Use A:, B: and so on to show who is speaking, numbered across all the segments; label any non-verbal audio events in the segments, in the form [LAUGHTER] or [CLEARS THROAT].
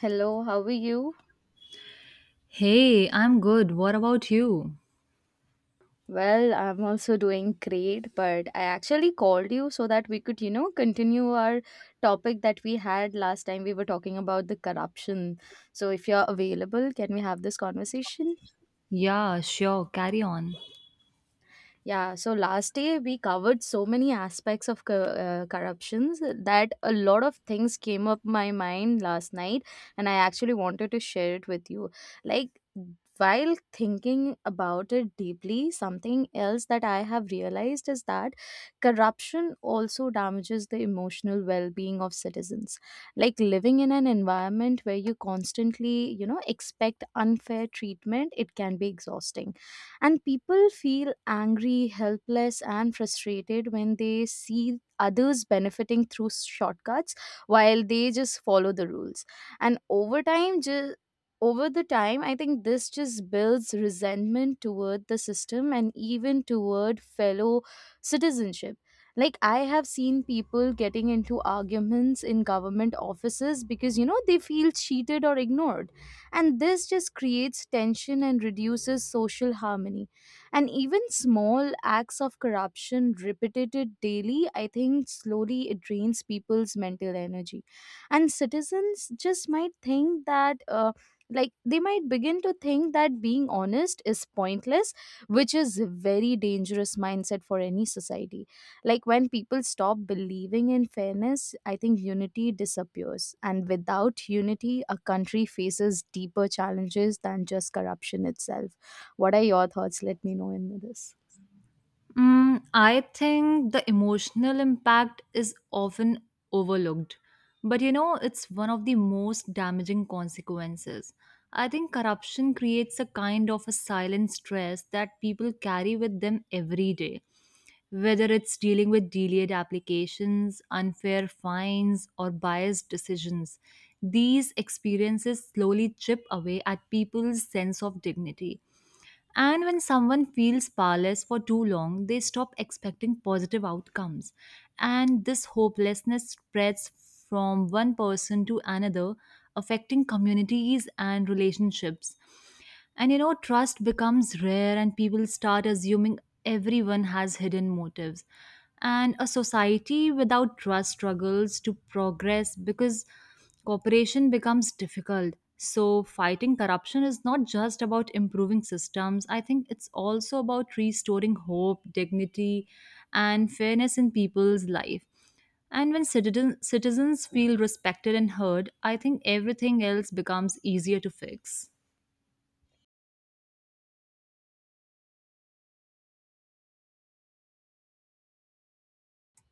A: Hello, how are you?
B: Hey, I'm good. What about you?
A: Well, I'm also doing great, but I actually called you so that we could, you know, continue our topic that we had last time. We were talking about the corruption. So, if you're available, can we have this conversation?
B: Yeah, sure. Carry on.
A: Yeah, so last day we covered so many aspects of corruptions that a lot of things came up my mind last night, and I actually wanted to share it with you. Like, while thinking about it deeply, something else that I have realized is that corruption also damages the emotional well-being of citizens. Like, living in an environment where you constantly, you know, expect unfair treatment, it can be exhausting, and people feel angry, helpless and frustrated when they see others benefiting through shortcuts while they just follow the rules. And over the time, I think this just builds resentment toward the system and even toward fellow citizenship. Like, I have seen people getting into arguments in government offices because, you know, they feel cheated or ignored, and this just creates tension and reduces social harmony. And even small acts of corruption repeated daily, I think, slowly it drains people's mental energy, and citizens just might think that like, they might begin to think that being honest is pointless, which is a very dangerous mindset for any society. Like, when people stop believing in fairness, I think unity disappears. And without unity, a country faces deeper challenges than just corruption itself. What are your thoughts? Let me know in this.
B: Mm, I think the emotional impact is often overlooked, but you know, it's one of the most damaging consequences. I think corruption creates a kind of a silent stress that people carry with them every day, whether it's dealing with delayed applications, unfair fines, or biased decisions. These experiences slowly chip away at people's sense of dignity. And when someone feels powerless for too long, they stop expecting positive outcomes. And this hopelessness spreads from one person to another, affecting communities and relationships. And you know, trust becomes rare, and people start assuming everyone has hidden motives. And a society without trust struggles to progress because cooperation becomes difficult. So, fighting corruption is not just about improving systems. I think it's also about restoring hope, dignity, and fairness in people's life. And when citizens feel respected and heard, I think everything else becomes easier to fix.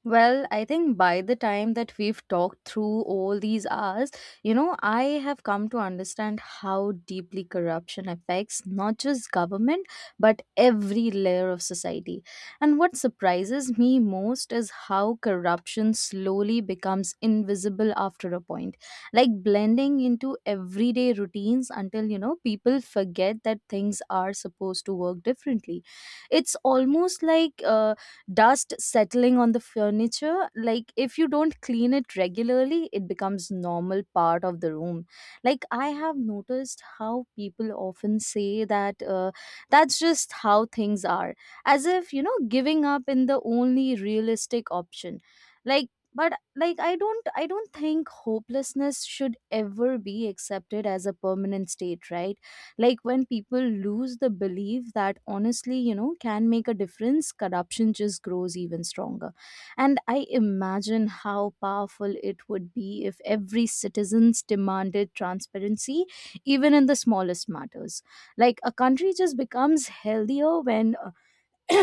A: Well, I think by the time that we've talked through all these hours, you know, I have come to understand how deeply corruption affects not just government, but every layer of society. And what surprises me most is how corruption slowly becomes invisible after a point, like blending into everyday routines until, you know, people forget that things are supposed to work differently. It's almost like dust settling on the furniture. Like, if you don't clean it regularly, it becomes normal part of the room. Like, I have noticed how people often say that that's just how things are, as if, you know, giving up in the only realistic option. Like, but like, I don't think hopelessness should ever be accepted as a permanent state, right? Like, when people lose the belief that honestly, you know, can make a difference, corruption just grows even stronger. And I imagine how powerful it would be if every citizens demanded transparency, even in the smallest matters. Like, a country just becomes healthier when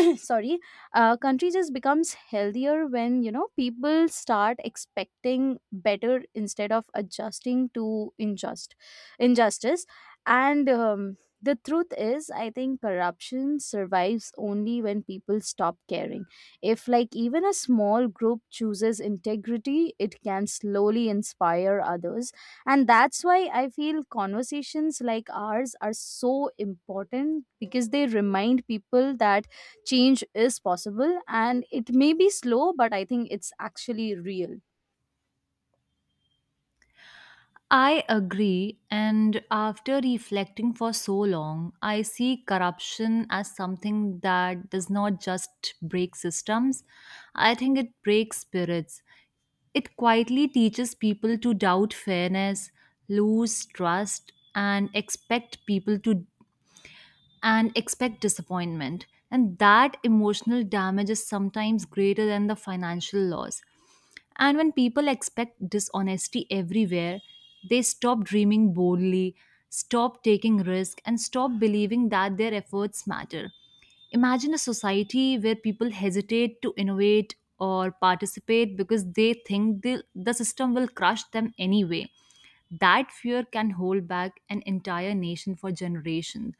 A: [COUGHS] [CLEARS THROAT] sorry. Country just becomes healthier when, you know, people start expecting better instead of adjusting to injustice. And the truth is, I think corruption survives only when people stop caring. If, like, even a small group chooses integrity, it can slowly inspire others, and that's why I feel conversations like ours are so important, because they remind people that change is possible, and it may be slow, but I think it's actually real.
B: I agree, and after reflecting for so long, I see corruption as something that does not just break systems, I think it breaks spirits. It quietly teaches people to doubt fairness, lose trust, and expect people to and expect disappointment. And that emotional damage is sometimes greater than the financial loss. And when people expect dishonesty everywhere, they stop dreaming boldly, stop taking risk, and stop believing that their efforts matter. Imagine a society where people hesitate to innovate or participate because they think the system will crush them anyway. That fear can hold back an entire nation for generations.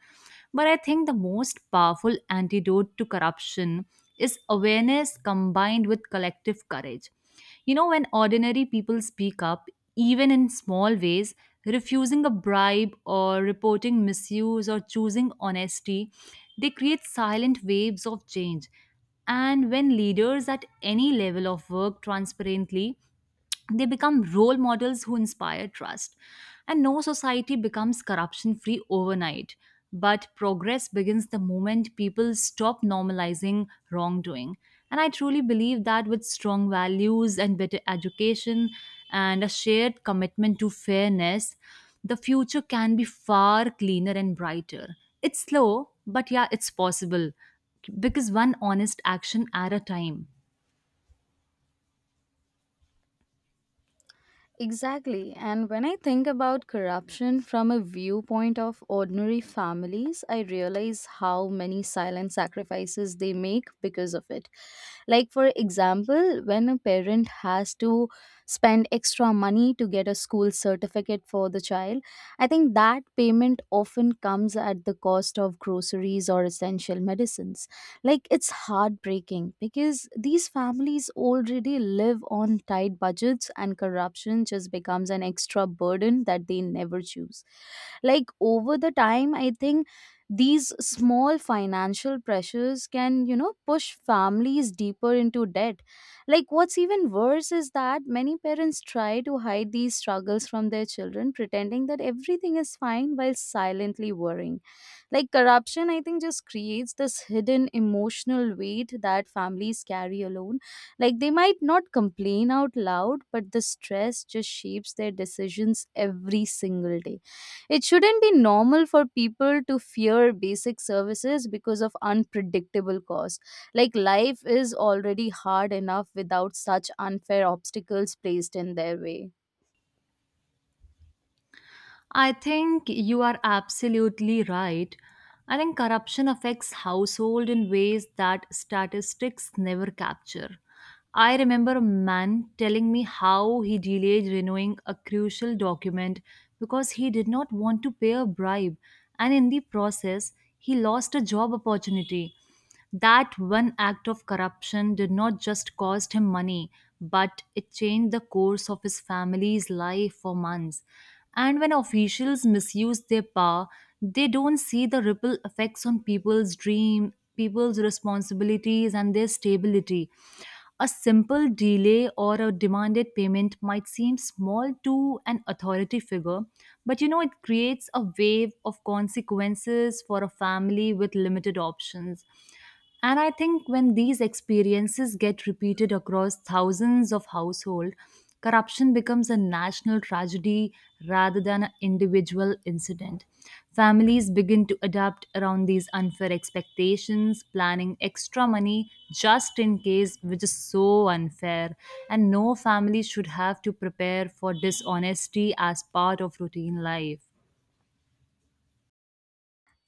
B: But I think the most powerful antidote to corruption is awareness combined with collective courage. You know, when ordinary people speak up, even in small ways, refusing a bribe or reporting misuse or choosing honesty, they create silent waves of change. And when leaders at any level of work transparently, they become role models who inspire trust. And no society becomes corruption free overnight, but progress begins the moment people stop normalizing wrongdoing. And I truly believe that with strong values and better education and a shared commitment to fairness, the future can be far cleaner and brighter. It's slow, but yeah, it's possible because one honest action at a time.
A: Exactly. And when I think about corruption from a viewpoint of ordinary families, I realize how many silent sacrifices they make because of it. Like, for example, when a parent has to spend extra money to get a school certificate for the child, I think that payment often comes at the cost of groceries or essential medicines. Like, it's heartbreaking because these families already live on tight budgets, and corruption just becomes an extra burden that they never choose. Like, over the time, I think these small financial pressures can, you know, push families deeper into debt. Like, what's even worse is that many parents try to hide these struggles from their children, pretending that everything is fine while silently worrying. Like, corruption, I think, just creates this hidden emotional weight that families carry alone. Like, they might not complain out loud, but the stress just shapes their decisions every single day. It shouldn't be normal for people to fear basic services because of unpredictable costs. Like, life is already hard enough without such unfair obstacles placed in their way.
B: I think you are absolutely right. I think corruption affects household in ways that statistics never capture. I remember a man telling me how he delayed renewing a crucial document because he did not want to pay a bribe, and in the process, he lost a job opportunity. That one act of corruption did not just cost him money, but it changed the course of his family's life for months. And when officials misuse their power, they don't see the ripple effects on people's dream, people's responsibilities, and their stability. A simple delay or a demanded payment might seem small to an authority figure, but you know, it creates a wave of consequences for a family with limited options. And I think when these experiences get repeated across thousands of households, corruption becomes a national tragedy rather than an individual incident. Families begin to adapt around these unfair expectations, planning extra money just in case, which is so unfair. And no family should have to prepare for dishonesty as part of routine life.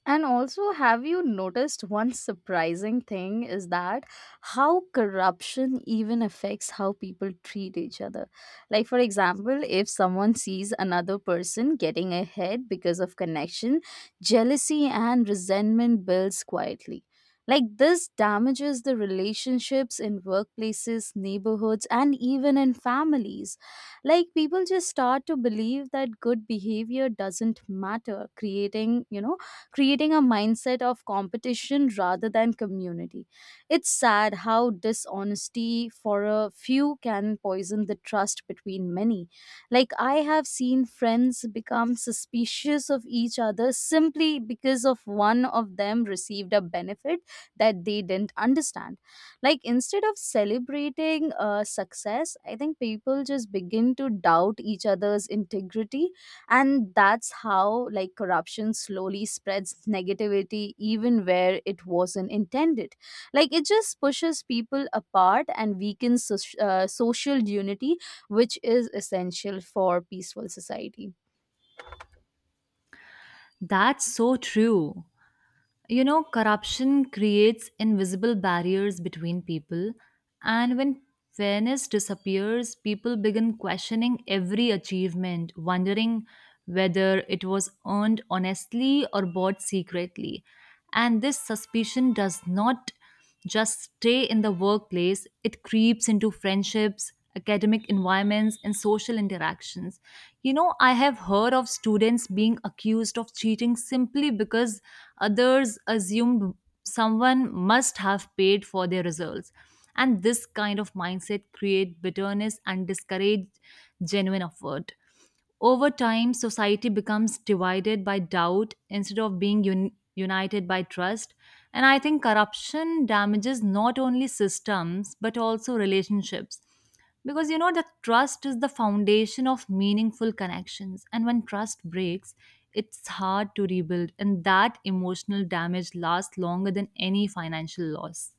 A: And also, have you noticed one surprising thing is that how corruption even affects how people treat each other? Like, for example, if someone sees another person getting ahead because of connection, jealousy and resentment builds quietly. Like, this damages the relationships in workplaces, neighborhoods, and even in families. Like, people just start to believe that good behavior doesn't matter, creating a mindset of competition rather than community. It's sad how dishonesty for a few can poison the trust between many. Like, I have seen friends become suspicious of each other simply because of one of them received a benefit that they didn't understand. Like, instead of celebrating success, I think people just begin to doubt each other's integrity, and that's how, like, corruption slowly spreads negativity even where it wasn't intended. Like, it just pushes people apart and weakens social unity, which is essential for peaceful society.
B: That's so true. You know, corruption creates invisible barriers between people, and when fairness disappears, people begin questioning every achievement, wondering whether it was earned honestly or bought secretly. And this suspicion does not just stay in the workplace, it creeps into friendships, academic environments, and social interactions. You know, I have heard of students being accused of cheating simply because others assumed someone must have paid for their results. And this kind of mindset create bitterness and discourage genuine effort. Over time, society becomes divided by doubt instead of being united by trust. And I think corruption damages not only systems but also relationships. Because you know, the trust is the foundation of meaningful connections. And when trust breaks, it's hard to rebuild. And that emotional damage lasts longer than any financial loss.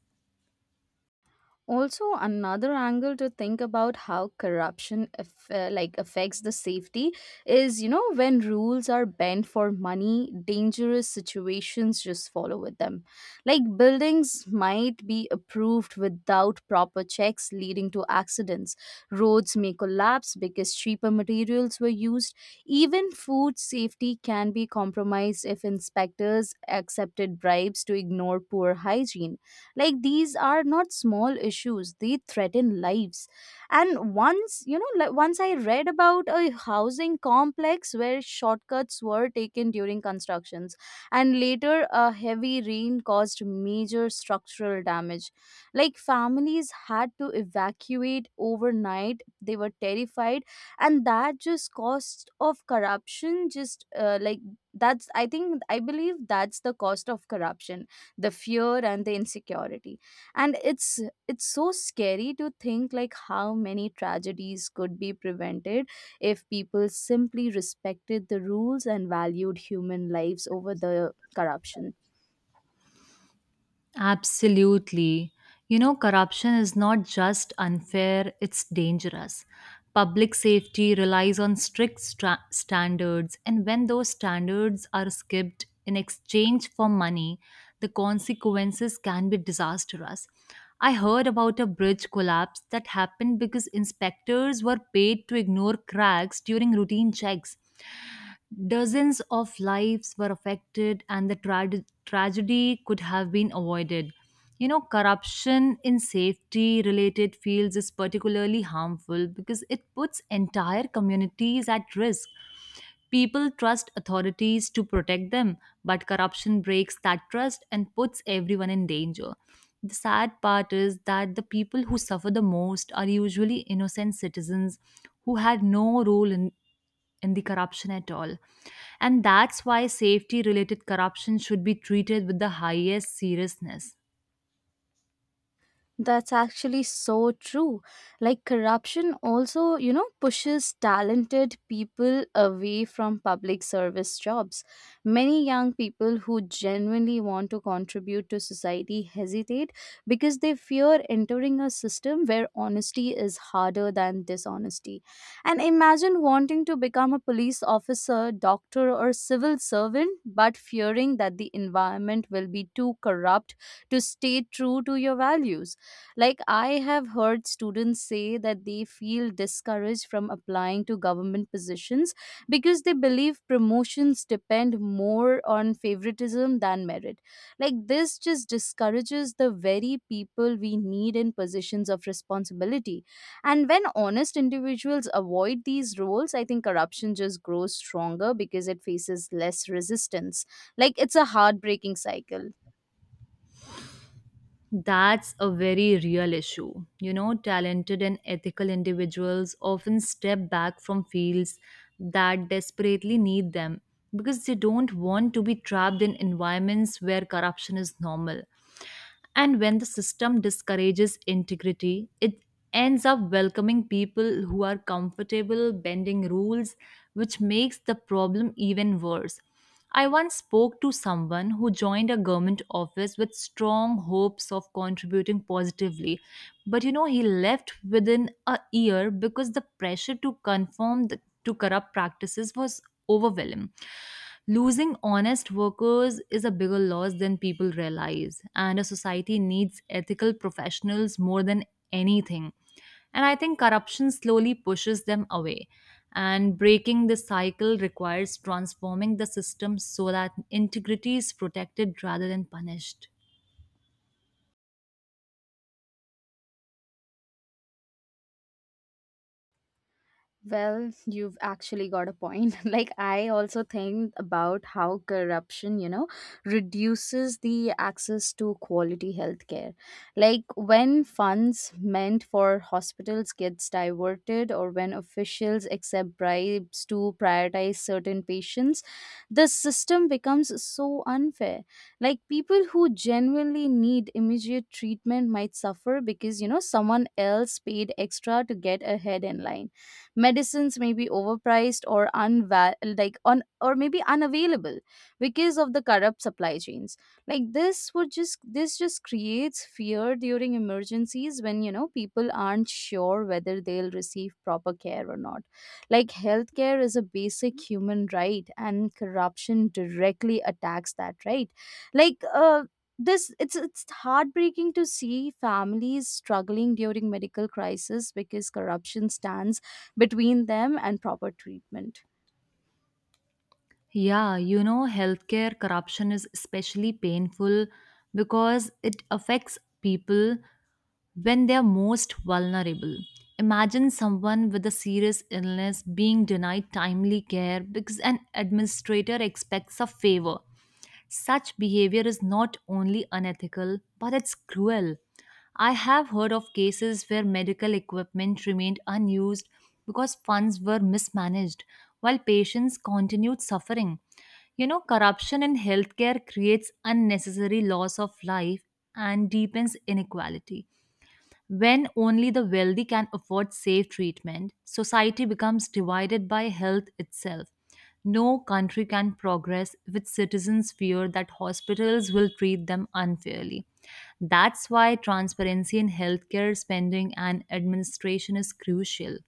A: Also, another angle to think about how corruption like, affects the safety is, you know, when rules are bent for money, dangerous situations just follow with them. Like, buildings might be approved without proper checks, leading to accidents. Roads may collapse because cheaper materials were used. Even food safety can be compromised if inspectors accepted bribes to ignore poor hygiene. Like, these are not small issues, they threaten lives. And once you know like once I read about a housing complex where shortcuts were taken during constructions, and later a heavy rain caused major structural damage. Like, families had to evacuate overnight, they were terrified. And that just cost of corruption just that's, I think, I believe that's the cost of corruption, the fear and the insecurity. And it's so scary to think like how many tragedies could be prevented if people simply respected the rules and valued human lives over the corruption.
B: Absolutely. You know, corruption is not just unfair, it's dangerous. Public safety relies on strict standards, and when those standards are skipped in exchange for money, the consequences can be disastrous. I heard about a bridge collapse that happened because inspectors were paid to ignore cracks during routine checks. Dozens of lives were affected, and the tragedy could have been avoided. You know, corruption in safety related fields is particularly harmful because it puts entire communities at risk. People trust authorities to protect them, but corruption breaks that trust and puts everyone in danger. The sad part is that the people who suffer the most are usually innocent citizens who had no role in the corruption at all. And that's why safety related corruption should be treated with the highest seriousness.
A: That's actually so true. Like, corruption also, you know, pushes talented people away from public service jobs. Many young people who genuinely want to contribute to society hesitate because they fear entering a system where honesty is harder than dishonesty. And imagine wanting to become a police officer, doctor, or civil servant, but fearing that the environment will be too corrupt to stay true to your values. Like, I have heard students say that they feel discouraged from applying to government positions because they believe promotions depend more on favoritism than merit. Like, this just discourages the very people we need in positions of responsibility. And when honest individuals avoid these roles, I think corruption just grows stronger because it faces less resistance. Like, it's a heartbreaking cycle.
B: That's a very real issue. You know, talented and ethical individuals often step back from fields that desperately need them because they don't want to be trapped in environments where corruption is normal. And when the system discourages integrity, it ends up welcoming people who are comfortable bending rules, which makes the problem even worse. I once spoke to someone who joined a government office with strong hopes of contributing positively, but you know, he left within a year because the pressure to conform to corrupt practices was overwhelming. Losing honest workers is a bigger loss than people realize, and a society needs ethical professionals more than anything. And I think corruption slowly pushes them away. And breaking this cycle requires transforming the system so that integrity is protected rather than punished.
A: Well, you've actually got a point. [LAUGHS] Like, I also think about how corruption, you know, reduces the access to quality healthcare. Like, when funds meant for hospitals gets diverted or when officials accept bribes to prioritize certain patients, the system becomes so unfair. Like, people who genuinely need immediate treatment might suffer because, you know, someone else paid extra to get ahead in line. Medicines may be overpriced or unva- like on or maybe unavailable because of the corrupt supply chains. Like, this just creates fear during emergencies when, you know, people aren't sure whether they'll receive proper care or not. Like, healthcare is a basic human right and corruption directly attacks that right. like this It's heartbreaking to see families struggling during medical crisis because corruption stands between them and proper treatment.
B: Yeah, you know, healthcare corruption is especially painful because it affects people when they are most vulnerable. Imagine someone with a serious illness being denied timely care because an administrator expects a favor such behavior is not only unethical, but it's cruel. I have heard of cases where medical equipment remained unused because funds were mismanaged while patients continued suffering. You know, corruption in healthcare creates unnecessary loss of life and deepens inequality. When only the wealthy can afford safe treatment, society becomes divided by health itself. No country can progress if its citizens fear that hospitals will treat them unfairly. That's why transparency in healthcare spending and administration is crucial.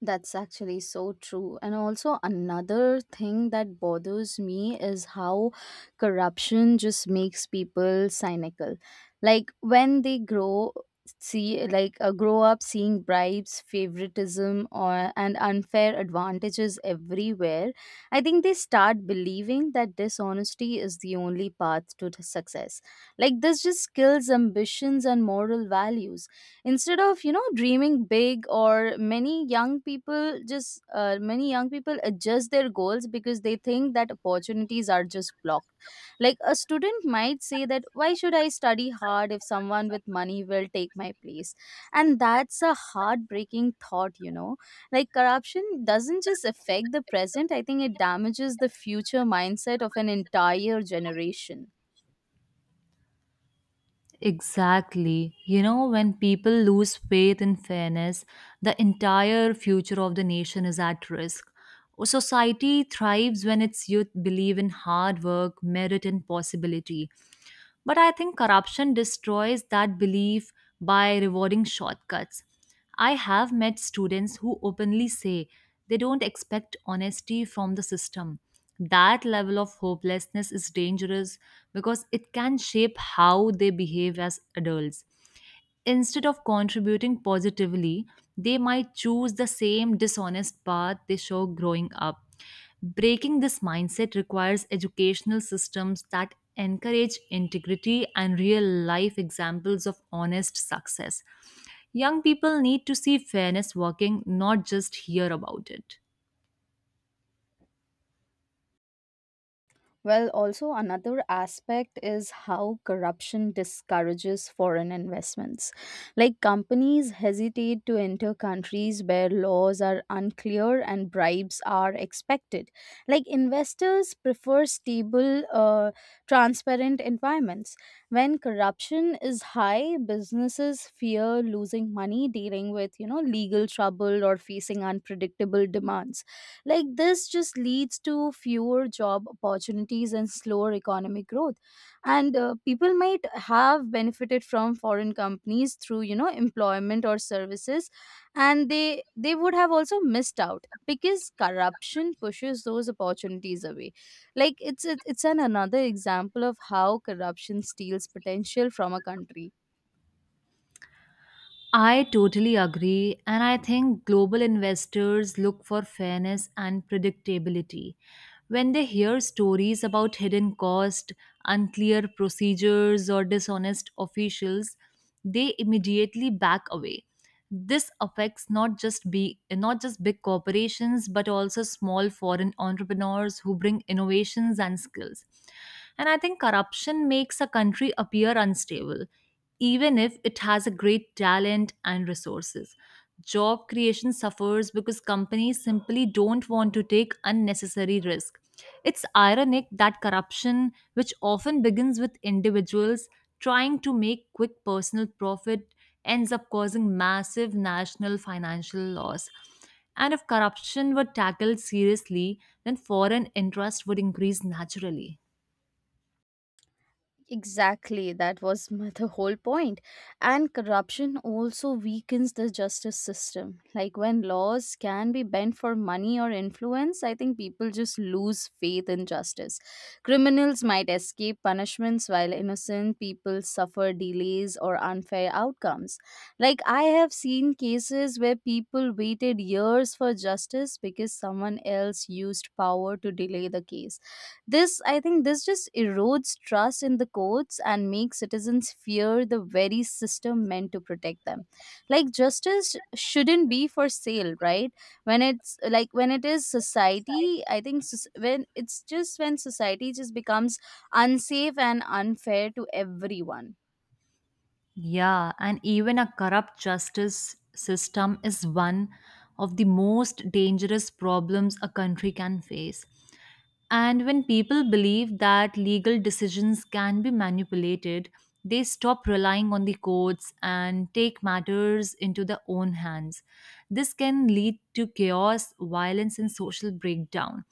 A: That's actually so true. And also, another thing that bothers me is how corruption just makes people cynical. Like, when they grow up seeing bribes, favoritism, or and unfair advantages everywhere, I think they start believing that dishonesty is the only path to success. Like, this just kills ambitions and moral values instead of, you know, dreaming big. Or many young people just many young people adjust their goals because they
B: I don't
A: think that opportunities are just blocked. Like, a student might say that why should I study hard if someone with money will take my place? And that's a heartbreaking thought, you know. Like, corruption doesn't just affect the present, I think it damages the future
B: think so.
A: mindset of an entire generation.
B: Exactly. You know, when people lose faith in fairness, the entire future of the nation is at risk. A society thrives when its youth believe in hard work, merit, and possibility. But I think corruption destroys that belief by rewarding shortcuts. I have met students who openly say they don't expect honesty from the system. That level of hopelessness is dangerous because it can shape how they behave as adults. Instead of contributing positively, they might choose the same dishonest path they saw growing up. Breaking this mindset requires educational systems that encourage integrity and real life examples of honest success. Young people need to see fairness working, not just hear about it.
A: Well, also another aspect is how corruption discourages foreign investments. Like, companies hesitate to enter countries where laws are unclear and bribes are expected. Like, investors prefer stable, transparent environments. When corruption is high, businesses fear losing money dealing with, you know, legal trouble or facing unpredictable demands. Like, this just leads to fewer job opportunities and slower economic growth. And People might have benefited from foreign companies through, employment or services, and they would have also missed out because corruption pushes those opportunities away. Like it's an another example of how corruption steals potential from a country.
B: I totally agree, and I think global investors look for fairness and predictability. When they hear stories about hidden cost, unclear procedures, or dishonest officials, they immediately back away. This affects not just big corporations but also small foreign entrepreneurs who bring innovations and skills. And I think corruption makes a country appear unstable even if it has a great talent and resources job creation suffers because companies simply don't want to take unnecessary risk. It's ironic that corruption, which often begins with individuals trying to make quick personal profit, ends up causing massive national financial loss. And if corruption were tackled seriously, then foreign interest would increase naturally.
A: Exactly, that was the whole point. And corruption also weakens the justice system. Like when laws can be bent for money or influence, I think people just lose faith in justice. Criminals might escape punishments while innocent people suffer delays or unfair outcomes. Like I have seen cases where people waited years for justice because someone else used power to delay the case. This just erodes trust in the courts and makes citizens fear the very system meant to protect them. Like
B: It
A: justice
B: just shouldn't
A: shouldn't be for sale,
B: be
A: right?
B: possible.
A: When it's like
B: But
A: when it is
B: in this
A: society,
B: society,
A: I think when it's
B: it's
A: just
B: just.
A: when society just becomes unsafe and unfair to everyone.
B: Yeah, and even a corrupt justice system is one of the most dangerous problems a country can face. And when people believe that legal decisions can be manipulated, they stop relying on the courts and take matters into their own hands. This can lead to chaos, violence, and social breakdown.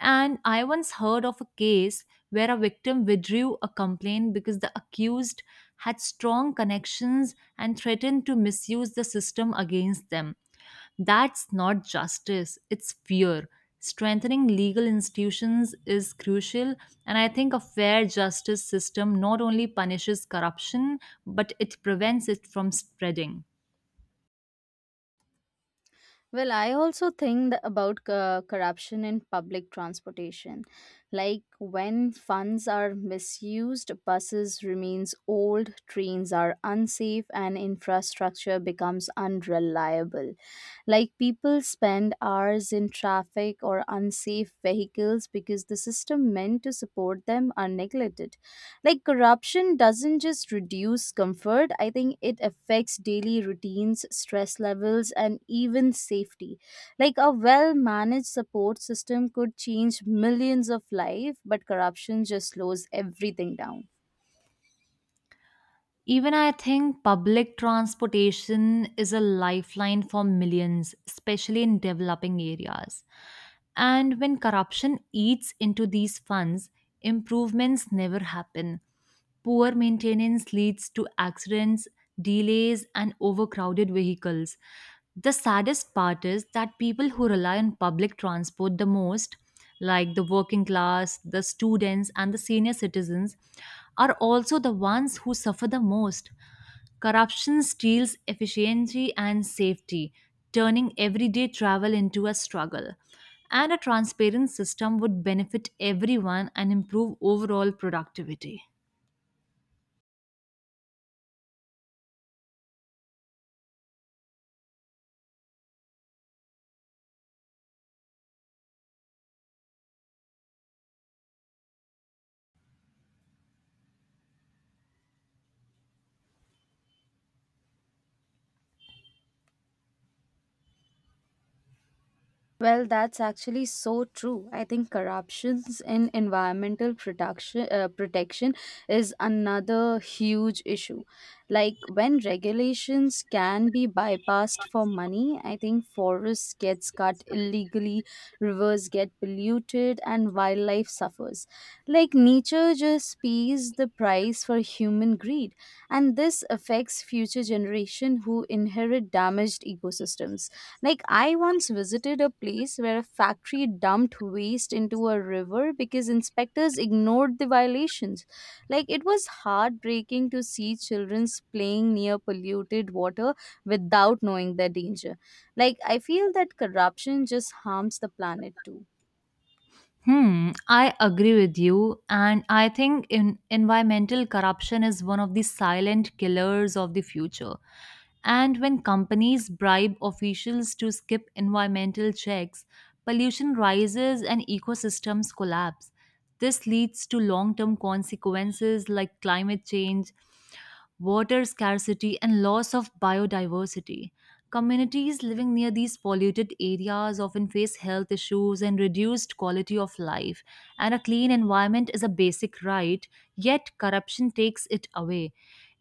B: And I once heard of a case where a victim withdrew a complaint because the accused had strong connections and threatened to misuse the system against them. That's not justice, it's fear. Strengthening legal institutions is crucial, and I think a fair justice system not only punishes corruption, but it prevents it from spreading.
A: Well, I also think about corruption in public transportation. Like when funds are misused, buses remains old, trains are unsafe and infrastructure becomes unreliable. Like people spend hours in traffic or unsafe vehicles because the system meant to support them are neglected. Like corruption doesn't just reduce comfort, I think it affects daily routines, stress levels, and even safety. Like a well managed support system could change millions of lives, but corruption just slows everything down.
B: Even I think public transportation is a lifeline for millions, especially in developing areas. And when corruption eats into these funds, improvements never happen. Poor maintenance leads to accidents, delays, and overcrowded vehicles. The saddest part is that people who rely on public transport the most like the working class, the students, and the senior citizens, are also the ones who suffer the most. Corruption steals efficiency and safety, turning everyday travel into a struggle. And a transparent system would benefit everyone and improve overall productivity.
A: Well, that's actually so true. I think corruptions in environmental production, protection is another huge issue. Like when regulations can be bypassed for money, I think forests gets cut illegally, rivers get polluted, and wildlife suffers. Like nature just pays the price for human greed, and this affects future generation who inherit damaged ecosystems. Like, I once visited a place where a factory dumped waste into a river because inspectors ignored the violations. Like, it was heartbreaking to see children playing near polluted water without knowing their danger. Like, I feel that corruption just harms the planet too.
B: Hmm, I agree with you, and I think in environmental corruption is one of the silent killers of the future. And when companies bribe officials to skip environmental checks, pollution rises and ecosystems collapse. This leads to long term consequences like climate change, water scarcity, and loss of biodiversity. Communities living near these polluted areas often face health issues and reduced quality of life, and a clean environment is a basic right, yet, corruption takes it away.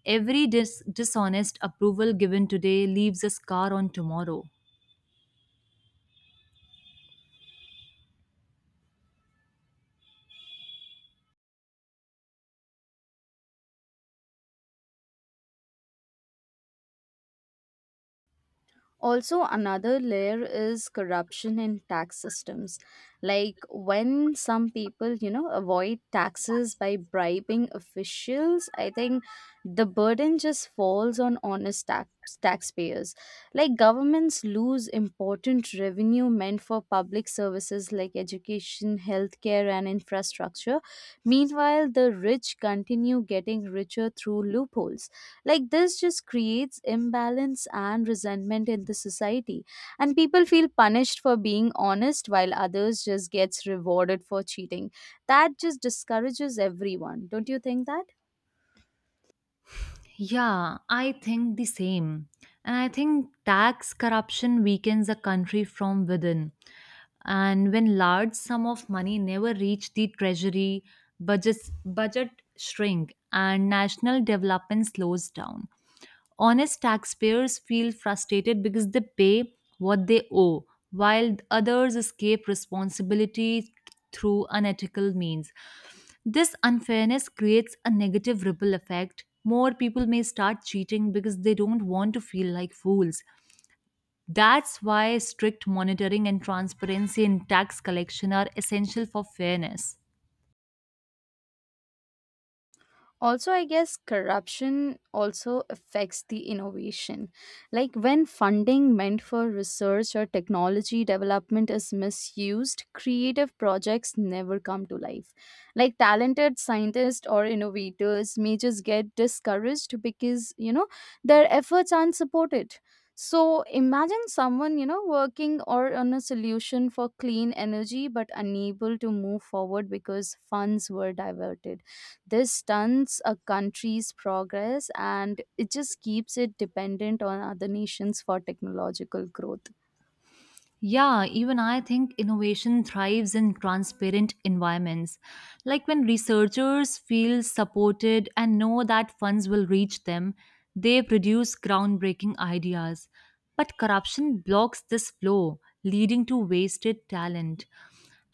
B: Every dishonest approval given today leaves a scar on tomorrow.
A: Also, another layer is corruption in tax systems. Like when some people, avoid taxes by bribing officials, I think the burden just falls on honest taxpayers. Like governments lose important revenue meant for public services like education, healthcare, and infrastructure. Meanwhile the rich continue getting richer through loopholes. Like this just creates imbalance and resentment in the society, and people feel punished for being honest while others just gets rewarded for cheating. That just discourages everyone. Don't you think that?
B: Yeah, I think the same. And I think tax corruption weakens a country from within. And when large sum of money never reach the treasury, budget shrink and national development slows down. Honest taxpayers feel frustrated because they pay what they owe, while others escape responsibility through unethical means. This unfairness creates a negative ripple effect. More people may start cheating because they don't want to feel like fools. That's why strict monitoring and transparency in tax collection are essential for fairness.
A: Also, I guess corruption also affects the innovation. Like when funding meant for research or technology development is misused, creative projects never come to life. Like talented scientists or innovators may just get discouraged because, their efforts aren't supported. So imagine someone, working or on a solution for clean energy but unable to move forward because funds were diverted. This stunts a country's progress, and it just keeps it dependent on other nations for technological growth.
B: Yeah, even I think innovation thrives in transparent environments. Like when researchers feel supported and know that funds will reach them, they produce groundbreaking ideas. But corruption blocks this flow, leading to wasted talent.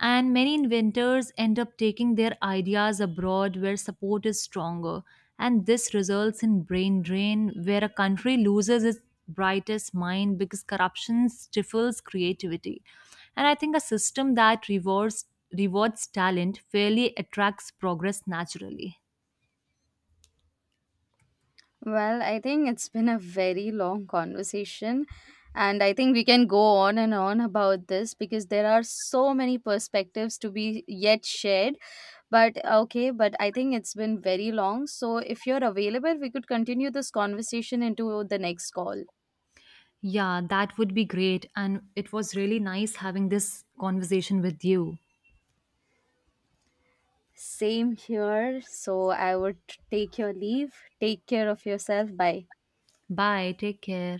B: And many inventors end up taking their ideas abroad where support is stronger. And this results in brain drain, where a country loses its brightest mind because corruption stifles creativity. And I think a system that rewards talent fairly attracts progress naturally.
A: Well, I think it's been a very long conversation, and I think we can go on and on about this because there are so many perspectives to be yet shared. But okay, but I think it's been very long. So if you're available, we could continue this conversation into the next call.
B: Yeah, that would be great. And it was really nice having this conversation with you.
A: Same here. So I would take your leave. Take care of yourself. Bye.
B: Bye. Take care.